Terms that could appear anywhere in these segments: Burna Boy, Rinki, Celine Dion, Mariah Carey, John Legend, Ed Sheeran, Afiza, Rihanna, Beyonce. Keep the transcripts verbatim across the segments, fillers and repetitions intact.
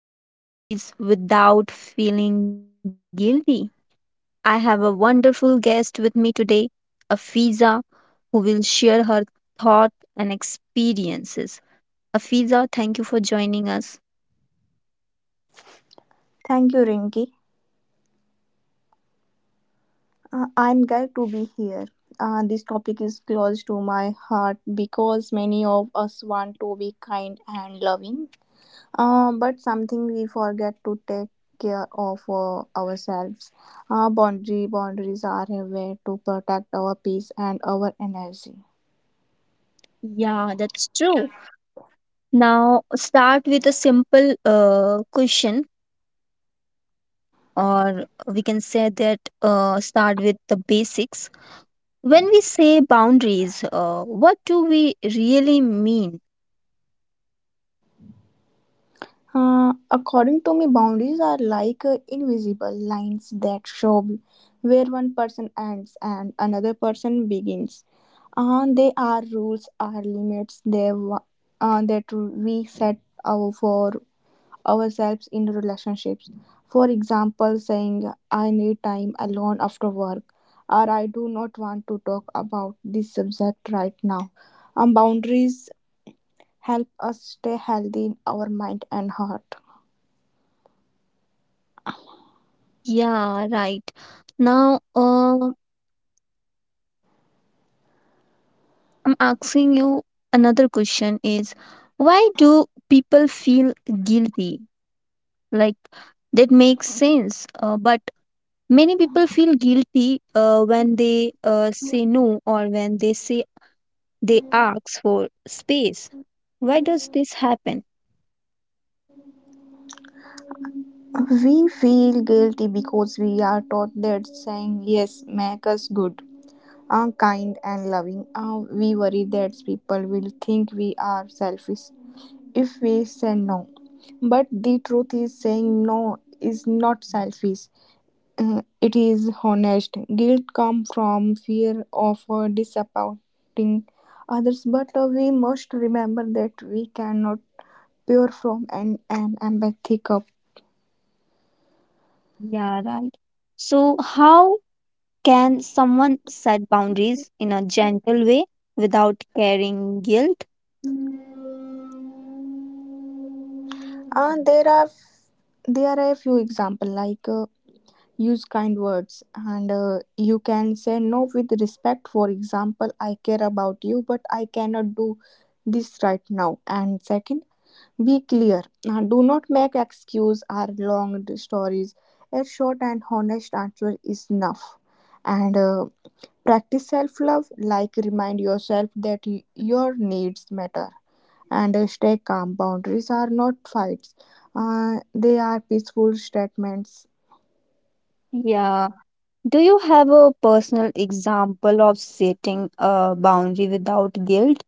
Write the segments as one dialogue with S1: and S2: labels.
S1: is setting boundaries without feeling guilty. I have a wonderful guest with me today, Afiza, who will share her thoughts and experiences. Afiza, thank you for joining us.
S2: Thank you, Rinki. Uh, I'm glad to be here. Uh, this topic is close to my heart because many of us want to be kind and loving, uh, but something we forget to take care of uh, ourselves. Uh, boundary boundaries are a way to protect our peace and our energy.
S1: Yeah, that's true. Now, start with a simple uh, question, or we can say that uh, start with the basics. When we say boundaries, uh, what do we really mean?
S2: Uh, according to me, boundaries are like uh, invisible lines that show where one person ends and another person begins. Uh, they are rules, are limits they, wa- uh, that we set our, for ourselves in relationships. For example, saying, I need time alone after work, or I do not want to talk about this subject right now. Um, boundaries help us stay healthy in our mind and heart.
S1: Yeah, right. Now, uh, I'm asking you another question is why do people feel guilty? Like, that makes sense, uh, but many people feel guilty uh, when they uh, say no or when they say they ask for space. Why does this happen?
S2: We feel guilty because we are taught that saying yes makes us good, uh, kind, and loving. Uh, we worry that people will think we are selfish if we say no. But the truth is, saying no is not selfish. Uh, it is honest. Guilt comes from fear of uh, disappointing others, but uh, we must remember that we cannot pure from an, an empathy cup.
S1: Yeah, right. So, how can someone set boundaries in a gentle way without carrying guilt?
S2: Uh, there are There are a few examples like uh, use kind words and uh, you can say no with respect. For example, I care about you, but I cannot do this right now. And second, be clear. Now, do not make excuse or long stories. A short and honest answer is enough. And uh, Practice self love, like remind yourself that y- your needs matter and uh, stay calm. Boundaries are not fights, uh, they are peaceful statements.
S1: Yeah. Do you have a personal example of setting a boundary without guilt?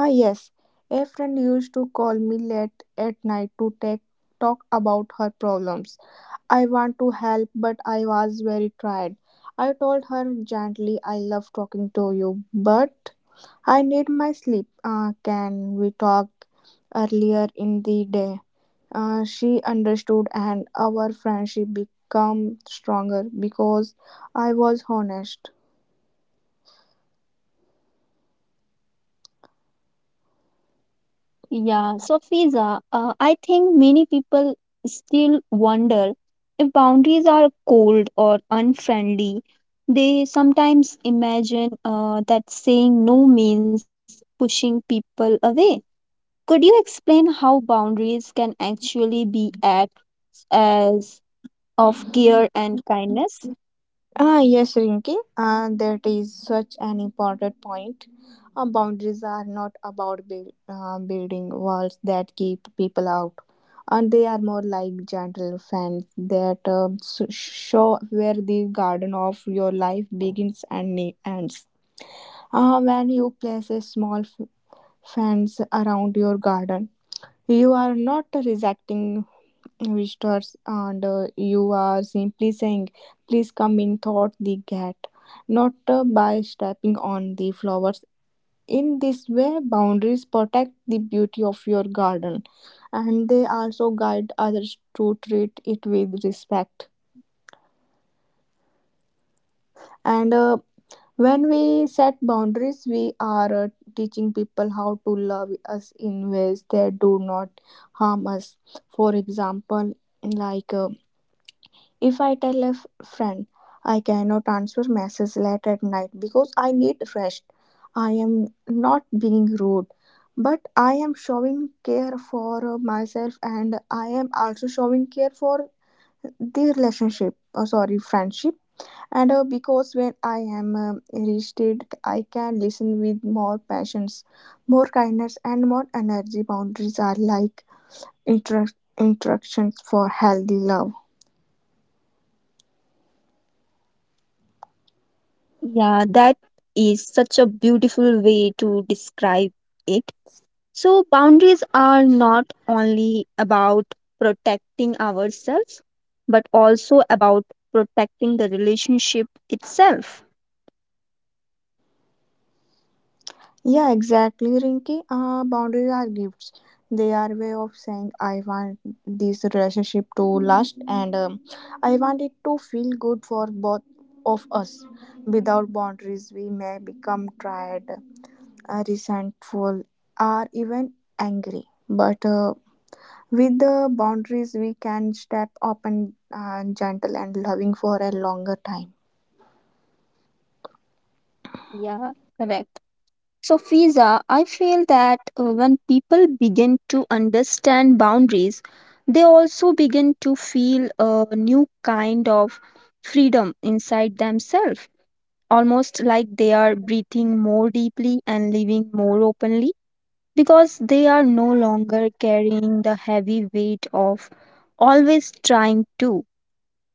S2: Ah, yes. A friend used to call me late at night to take, talk about her problems. I want to help, but I was very tired. I told her gently, I love talking to you, but I need my sleep. Uh, can we talk earlier in the day? Uh, she understood, and our friendship became stronger because I was honest.
S1: Yeah, so Fiza, uh, I think many people still wonder if boundaries are cold or unfriendly. They sometimes imagine uh, that saying no means pushing people away. Could you explain how boundaries can actually be acts as of care and kindness?
S2: Ah, yes, Rinki, uh, that is such an important point. Uh, boundaries are not about build, uh, building walls that keep people out, and they are more like gentle fans that uh, s- show where the garden of your life begins and ne- ends. Uh, when you place a small f- fence around your garden, you are not rejecting visitors, and uh, you are simply saying please come in thought the cat, not uh, by stepping on the flowers. In this way, boundaries protect the beauty of your garden, and they also guide others to treat it with respect. And uh, when we set boundaries, we are uh, teaching people how to love us in ways that do not harm us. For example, like uh, if I tell a f- friend I cannot answer messages late at night because I need rest, I am not being rude, but I am showing care for myself, and I am also showing care for the relationship, uh, sorry, friendship. And uh, because when I am um, reached it, I can listen with more patience, more kindness, and more energy. Boundaries are like inter- instructions for healthy love.
S1: Yeah, that is such a beautiful way to describe it. So, boundaries are not only about protecting ourselves, but also about protecting the relationship itself.
S2: Yeah, exactly, Rinky. Uh, boundaries are gifts. They are way of saying I want this relationship to last, and um, I want it to feel good for both of us. Without boundaries, we may become tired, uh, resentful, or even angry. But uh, with the boundaries, we can step up and uh, gentle and loving for a longer time.
S1: Yeah, correct. So, Fiza, I feel that uh, when people begin to understand boundaries, they also begin to feel a new kind of freedom inside themselves, almost like they are breathing more deeply and living more openly, because they are no longer carrying the heavy weight of always trying to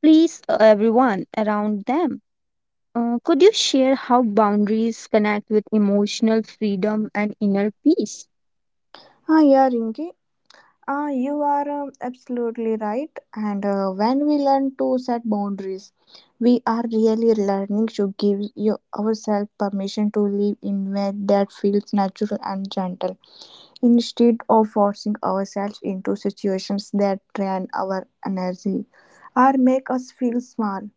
S1: please uh, everyone around them. Uh, could you share how boundaries connect with emotional freedom and inner peace?
S2: Ah, yeah, Rinki. Ah, you are um, absolutely right. And uh, when we learn to set boundaries, we are really learning to give you ourselves permission to live in way that feels natural and gentle, instead of forcing ourselves into situations that drain our energy or make us feel small.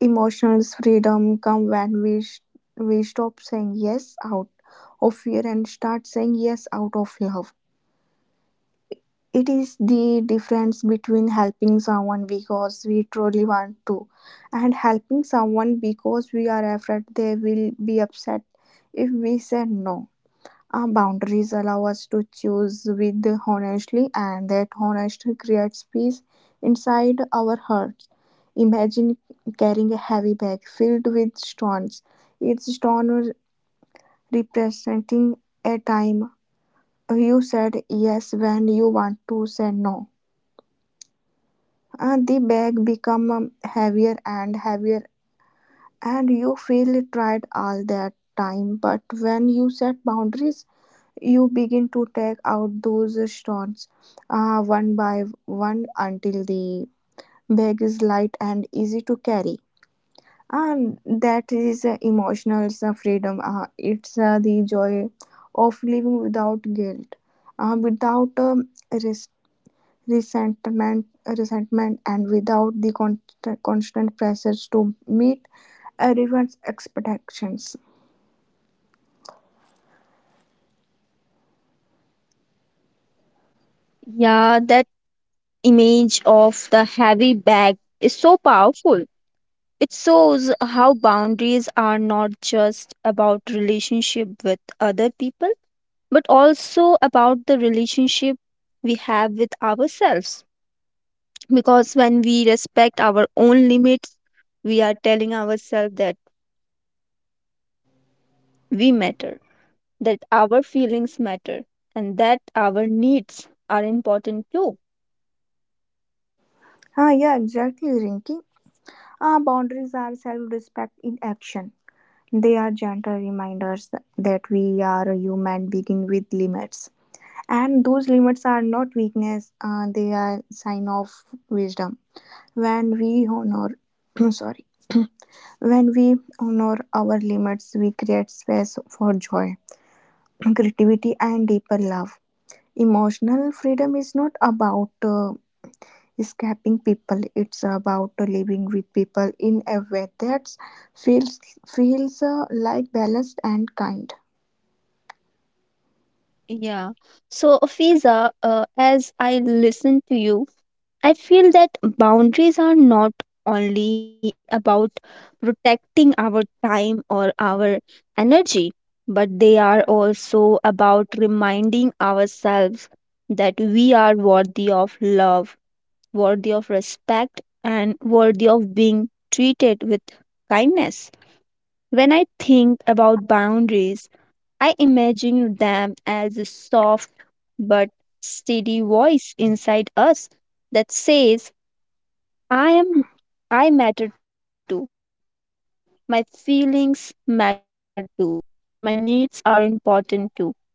S2: Emotional freedom comes when we sh- we stop saying yes out of fear and start saying yes out of love. It is the difference between helping someone because we truly want to and helping someone because we are afraid they will be upset if we say no. Our boundaries allow us to choose with honestly, and that honesty creates peace inside our hearts. Imagine carrying a heavy bag filled with stones, each stone representing a time you said yes when you want to say no, and the bag become um, heavier and heavier, and you feel tired all that time. But when you set boundaries, you begin to take out those stones, uh, one by one, until the bag is light and easy to carry. And that is uh, emotional uh, freedom uh, it's uh, the joy of living without guilt, uh, without um, resentment, resentment, and without the constant, constant pressures to meet everyone's expectations.
S1: Yeah, that image of the heavy bag is so powerful. It shows how boundaries are not just about relationship with other people, but also about the relationship we have with ourselves. Because when we respect our own limits, we are telling ourselves that we matter, that our feelings matter, and that our needs are important too.
S2: Ah, yeah, exactly, Rinky. Ah, boundaries are self-respect in action. They are gentle reminders that we are a human being with limits, and those limits are not weakness. Uh, they are sign of wisdom. When we honor, sorry, when we honor our limits, we create space for joy, creativity, and deeper love. Emotional freedom is not about uh, escaping people. It's about living with people in a way that feels feels uh, like balanced and kind.
S1: Yeah. So, Fiza, uh, as I listen to you, I feel that boundaries are not only about protecting our time or our energy, but they are also about reminding ourselves that we are worthy of love, worthy of respect, and worthy of being treated with kindness. When I think about boundaries, I imagine them as a soft but steady voice inside us that says, I am I matter too. My feelings matter too. My needs are important too.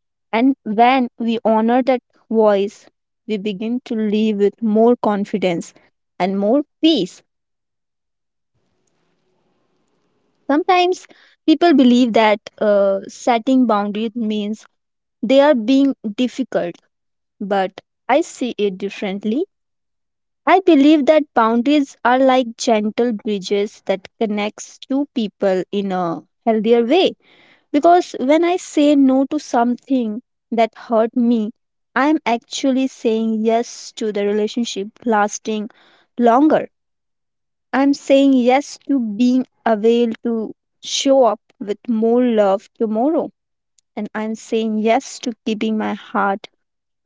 S1: And when we honor that voice, we begin to live with more confidence and more peace. Sometimes people believe that uh, setting boundaries means they are being difficult, but I see it differently. I believe that boundaries are like gentle bridges that connects two people in a healthier way, because when I say no to something that hurt me, I am actually saying yes to the relationship lasting longer. I'm saying yes to being available, to show up with more love tomorrow. And I'm saying yes to keeping my heart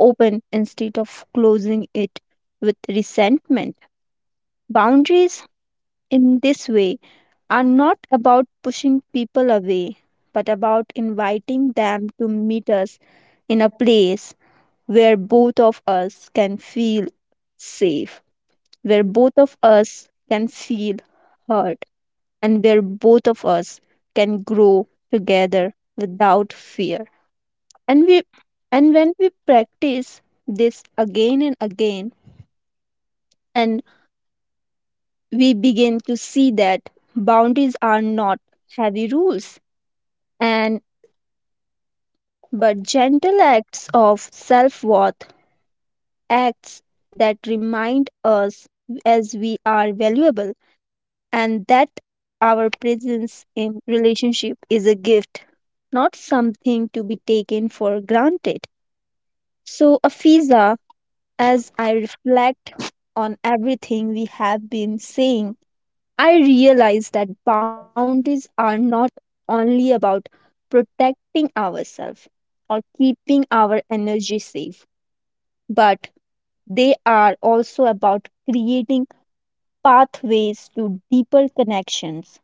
S1: open instead of closing it with resentment. Boundaries in this way are not about pushing people away, but about inviting them to meet us in a place where both of us can feel safe, where both of us can feel heard, and where both of us can grow together without fear. And we and when we practice this again and again, and we begin to see that boundaries are not heavy rules and but gentle acts of self-worth, acts that remind us as we are valuable and that our presence in relationship is a gift, not something to be taken for granted. So, Afiza, as I reflect on everything we have been saying, I realize that boundaries are not only about protecting ourselves or keeping our energy safe, but they are also about creating pathways to deeper connections,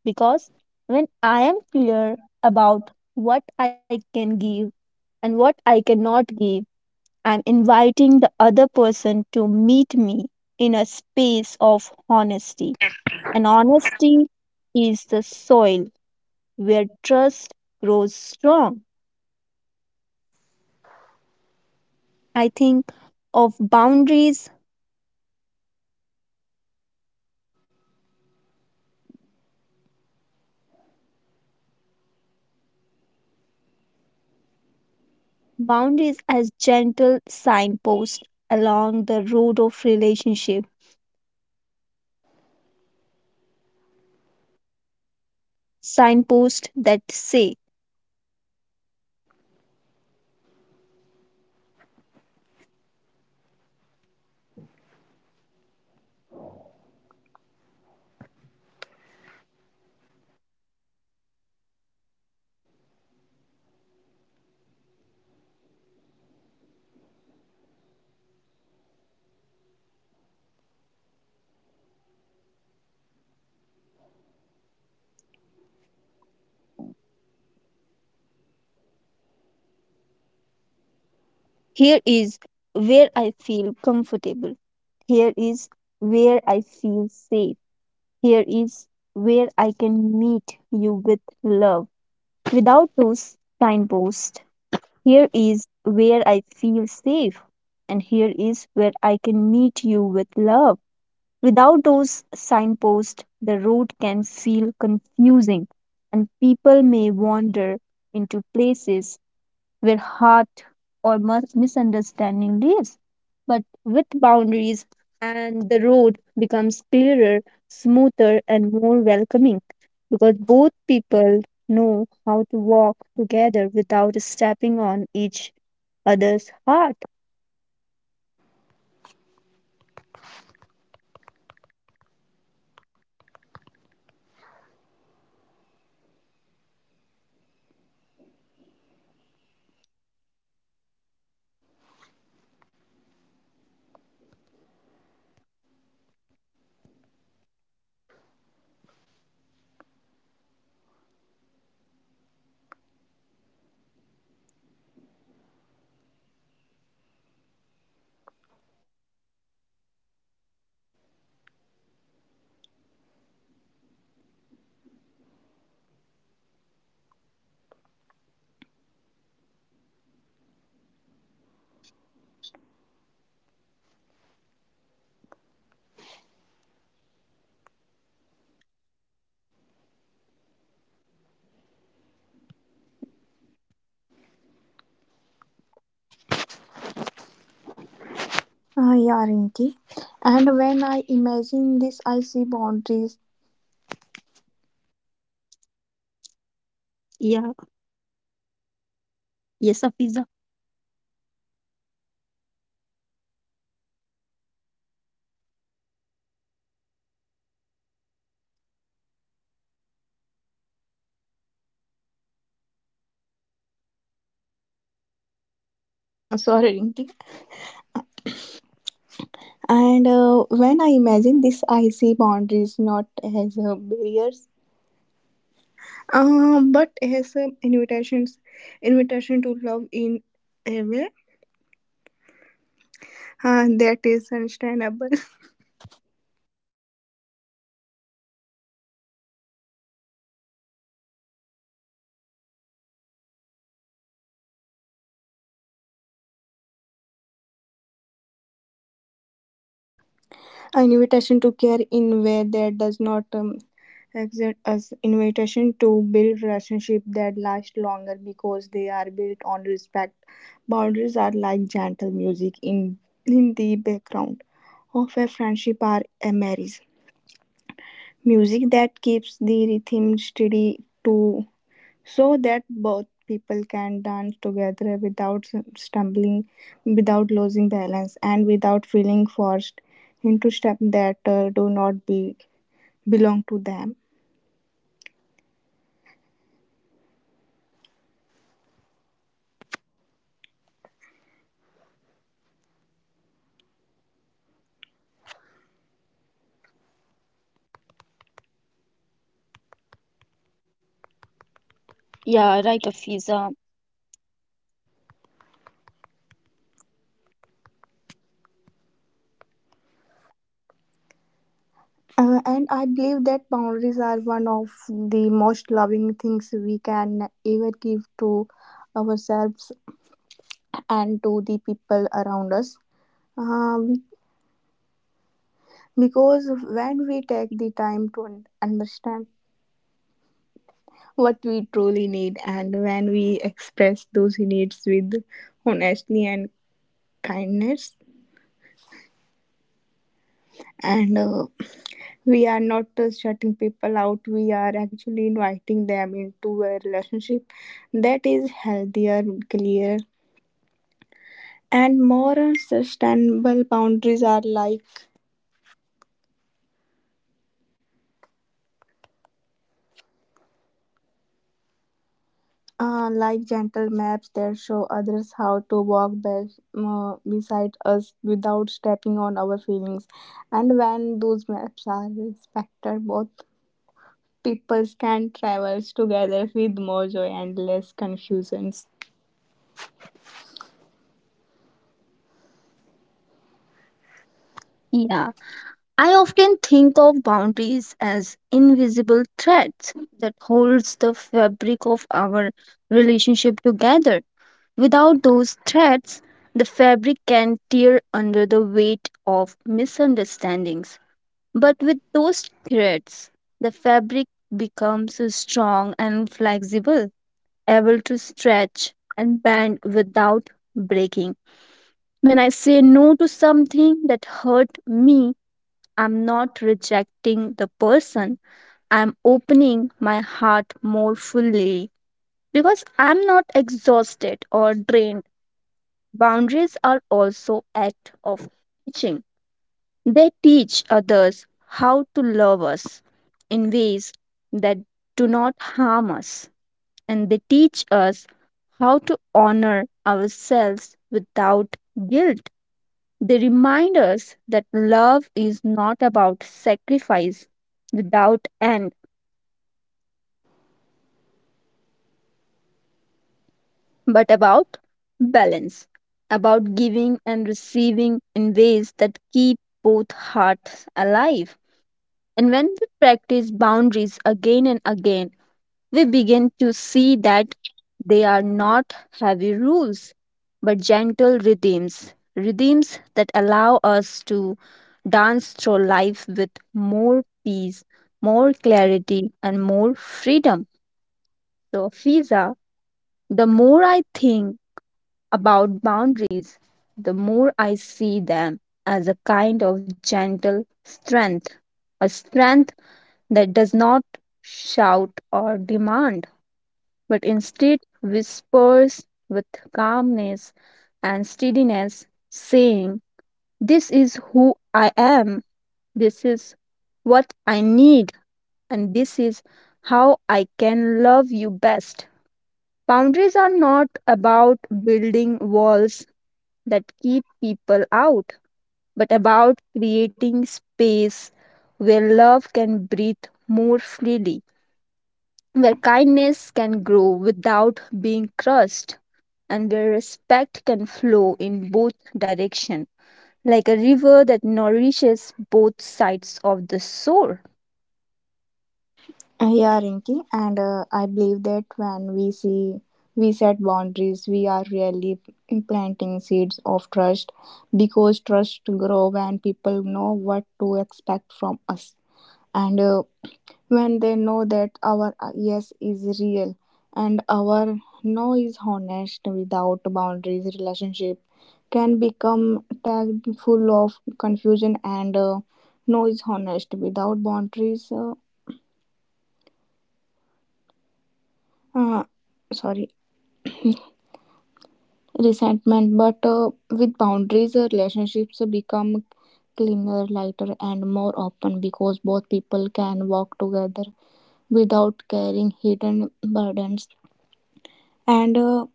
S1: because when I am clear about what I can give and what I cannot give, I'm inviting the other person to meet me in a space of honesty. And honesty is the soil where trust grows strong. I think of boundaries, boundaries as gentle signposts along the road of relationship, signposts that say, here is where I feel comfortable. Here is where I feel safe. Here is where I can meet you with love. Without those signposts, here is where I feel safe. And here is where I can meet you with love. Without those signposts, the road can feel confusing and people may wander into places where heart or mus- misunderstanding lives. But with boundaries, and the road becomes clearer, smoother, and more welcoming, because both people know how to walk together without stepping on each other's heart.
S3: Ah, yeah, Rinki. And when I imagine this, I see boundaries.
S1: Yeah, yes, Afiza.
S3: Ah, sorry, Rinki. And uh, when I imagine this, I see boundaries not as uh, barriers, uh, but as uh, invitations, invitation to love in a way uh, that is understandable. An invitation to care in way that does not um, exist as invitation to build relationship that last longer because they are built on respect. Boundaries are like gentle music in in the background of a friendship or a marriage. Music that keeps the rhythm steady to so that both people can dance together without stumbling, without losing balance, and without feeling forced into steps that uh, do not be belong to them.
S1: Yeah, right, Afiza.
S3: Uh, and I believe that boundaries are one of the most loving things we can ever give to ourselves and to the people around us. Uh, be- because when we take the time to un- understand what we truly need and when we express those needs with honesty and kindness and uh, we are not uh, shutting people out, we are actually inviting them into a relationship that is healthier, clear, and more sustainable. Boundaries are like Uh, like gentle maps that show others how to walk back, uh, beside us without stepping on our feelings. And when those maps are respected, both peoples can travel together with more joy and less confusions.
S1: Yeah, I often think of boundaries as invisible threads that holds the fabric of our relationship together. Without those threads, the fabric can tear under the weight of misunderstandings. But with those threads, the fabric becomes strong and flexible, able to stretch and bend without breaking. When I say no to something that hurt me, I'm not rejecting the person. I'm opening my heart more fully because I'm not exhausted or drained. Boundaries are also act of teaching. They teach others how to love us in ways that do not harm us, and they teach us how to honor ourselves without guilt. They remind us that love is not about sacrifice without end, but about balance, about giving and receiving in ways that keep both hearts alive. And when we practice boundaries again and again, we begin to see that they are not heavy rules, but gentle rhythms, rhythms that allow us to dance through life with more peace, more clarity, and more freedom. So, Fiza, the more I think about boundaries, the more I see them as a kind of gentle strength, a strength that does not shout or demand, but instead whispers with calmness and steadiness, saying, this is who I am, this is what I need, and this is how I can love you best. Boundaries are not about building walls that keep people out, but about creating space where love can breathe more freely, where kindness can grow without being crushed, and where respect can flow in both direction, like a river that nourishes both sides of the shore.
S3: Uh, Yeah, Rinki, and uh, I believe that when we see we set boundaries, we are really planting seeds of trust because trust grow when people know what to expect from us. And uh, when they know that our yes is real and our no is honest without boundaries, relationship can become tag full of confusion and uh, no is honest without boundaries uh, uh, sorry resentment. But uh, with boundaries, uh, relationships become cleaner, lighter, and more open because both people can walk together without carrying hidden burdens. And uh,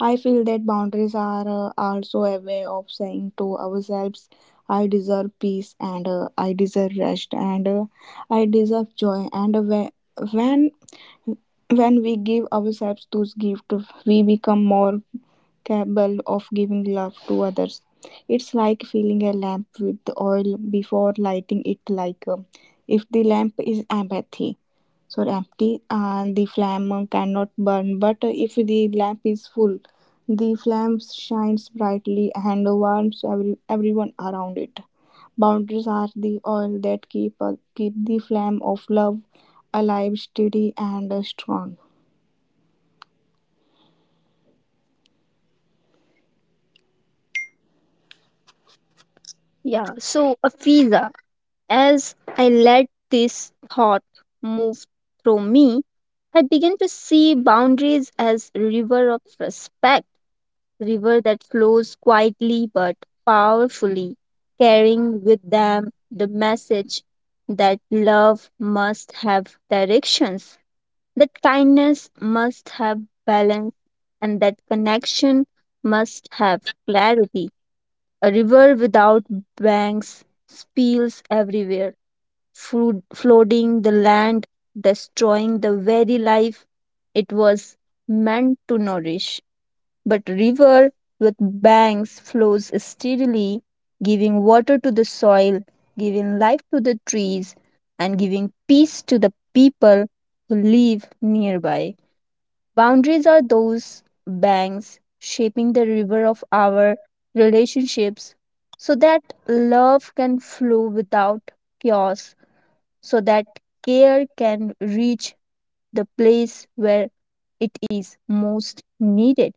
S3: I feel that boundaries are uh, also a way of saying to ourselves, I deserve peace, and uh, I deserve rest, and uh, I deserve joy. and uh, whe- when when we give ourselves those gifts, we become more capable of giving love to others. It's like filling a lamp with oil before lighting it. Like uh, if the lamp is empty. Sorry, empty, and the flame cannot burn. But if the lamp is full, the flame shines brightly and warms every, everyone around it. Boundaries are the oil that keep uh, keep the flame of love alive, steady, and strong.
S1: Yeah, so Afiza, as I let this thought move through me, I began to see boundaries as river of respect, river that flows quietly but powerfully, carrying with them the message that love must have directions, that kindness must have balance, and that connection must have clarity. A river without banks spills everywhere, flood- flooding the land, destroying the very life it was meant to nourish, but river with banks flows steadily, giving water to the soil, giving life to the trees, and giving peace to the people who live nearby. Boundaries are those banks, shaping the river of our relationships, so that love can flow without chaos, so that care can reach the place where it is most needed.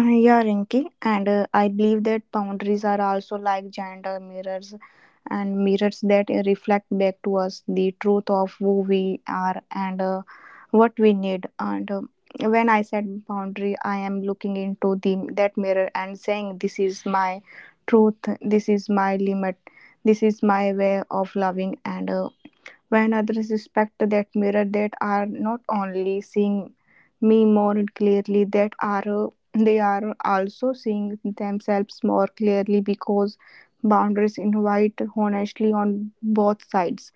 S3: Uh, yeah, Rinki, and uh, I believe that boundaries are also like gender mirrors and mirrors that uh, reflect back to us the truth of who we are, and uh, what we need. And uh, when I said boundary, I am looking into the that mirror and saying, "This is my truth. This is my limit. This is my way of loving." And uh, when others respect that mirror, that are not only seeing me more clearly, that are uh, they are also seeing themselves more clearly because boundaries invite honestly on both sides.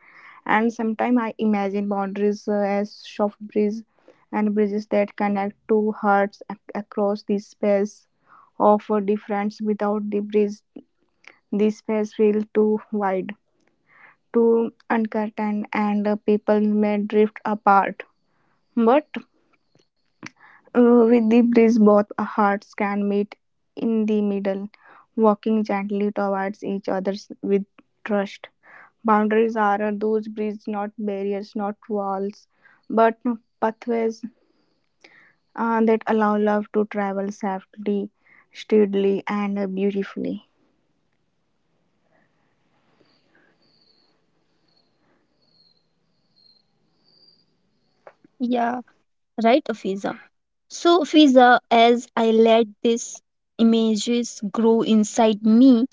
S3: And sometimes I imagine boundaries uh, as soft bridges and bridges that connect two hearts ac- across the space of a difference. Without the bridge, the space feels too wide, to uncertain, and uh, people may drift apart. But uh, with the breeze, both hearts can meet in the middle, walking gently towards each other with trust. Boundaries are uh, those bridges, not barriers, not walls, but pathways uh, that allow love to travel safely, steadily, and uh, beautifully.
S1: Yeah, right, Afiza? So, Afiza, as I let these images grow inside me,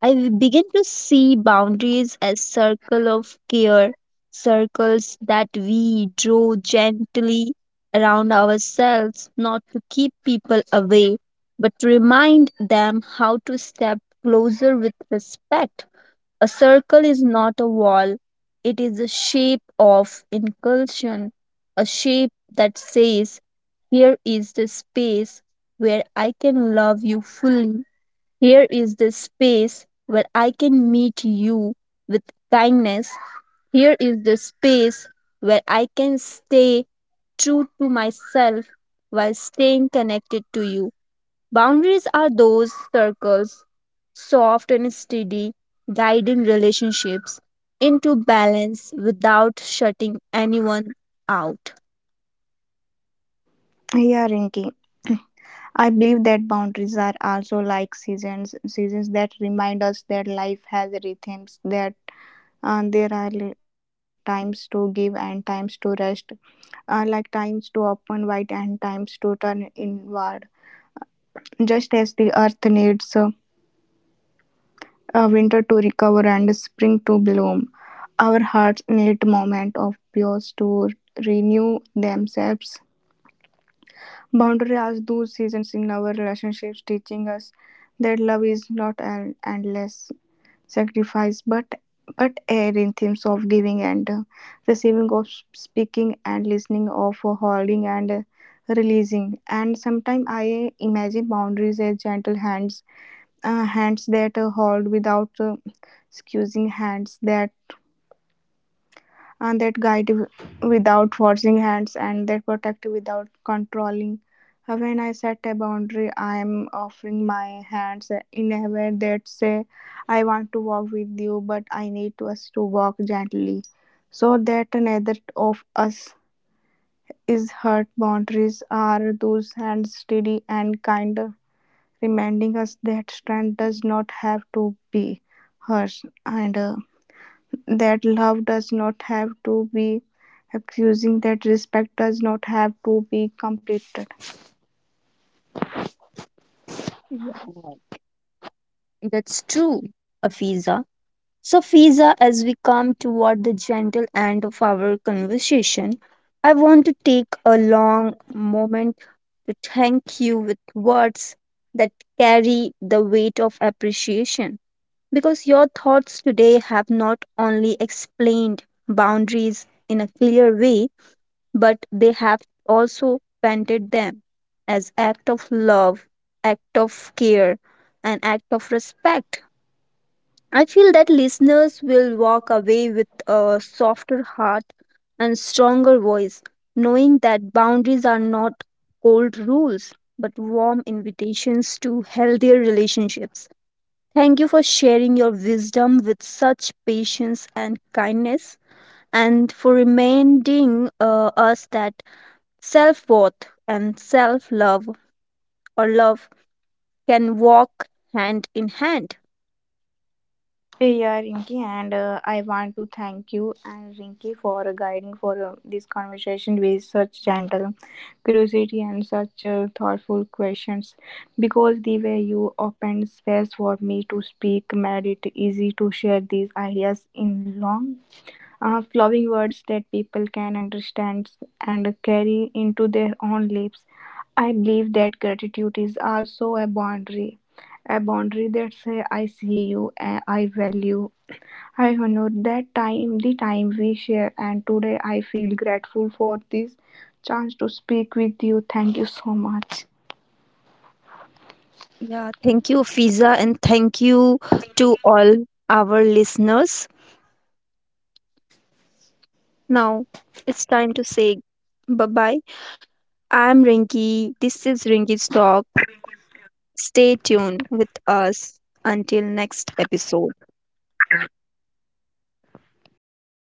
S1: I w- begin to see boundaries as circle of care, circles that we draw gently around ourselves, not to keep people away, but to remind them how to step closer with respect. A circle is not a wall, it is a shape of inclusion, a shape that says, here is the space where I can love you fully. Here is the space where I can meet you with kindness. Here is the space where I can stay true to myself while staying connected to you. Boundaries are those circles, soft and steady, guiding relationships into balance without shutting anyone out.
S3: Yeah, Rinki. I believe that boundaries are also like seasons, seasons that remind us that life has rhythms, that uh, there are li- times to give and times to rest, uh, like times to open wide and times to turn inward. Just as the earth needs uh, a winter to recover and a spring to bloom, our hearts need moment of pause to renew themselves. Boundary as those seasons in our relationships, teaching us that love is not an endless sacrifice, but but a rhythm of giving and uh, receiving, of speaking and listening, of uh, holding and uh, releasing. And sometimes I imagine boundaries as gentle hands, uh, hands that uh, hold without uh, excusing, hands that and that guide w- without forcing, hands and that protect without controlling. Uh, When I set a boundary, I am offering my hands uh, in a way that say, I want to walk with you, but I need us to walk gently so that neither of us is hurt. Boundaries are those hands, steady and kinder, reminding us that strength does not have to be hers, and uh, that love does not have to be accusing, that respect does not have to be completed.
S1: Yeah, that's true, Afiza. So, Fiza, as we come toward the gentle end of our conversation, I want to take a long moment to thank you with words that carry the weight of appreciation, because your thoughts today have not only explained boundaries in a clear way, but they have also painted them as act of love, act of care, and act of respect. I feel that listeners will walk away with a softer heart and stronger voice, knowing that boundaries are not cold rules but warm invitations to healthier relationships. Thank you for sharing your wisdom with such patience and kindness, and for reminding uh, us that self worth and self love or love can walk hand in hand.
S3: Hey, Yeah, Rinki, and uh, I want to thank you and Rinki for guiding for uh, this conversation with such gentle curiosity and such uh, thoughtful questions. Because the way you opened space for me to speak made it easy to share these ideas in long uh, flowing words that people can understand and carry into their own lives. I believe that gratitude is also a boundary, a boundary that says, I see you, uh, I value, I honor that time, the time we share, and today I feel grateful for this chance to speak with you. Thank you so much.
S1: Yeah, thank you, Fiza, and thank you to all our listeners. Now it's time to say bye bye. I'm Rinki. This is Rinki's Talk. Stay tuned with us until next episode.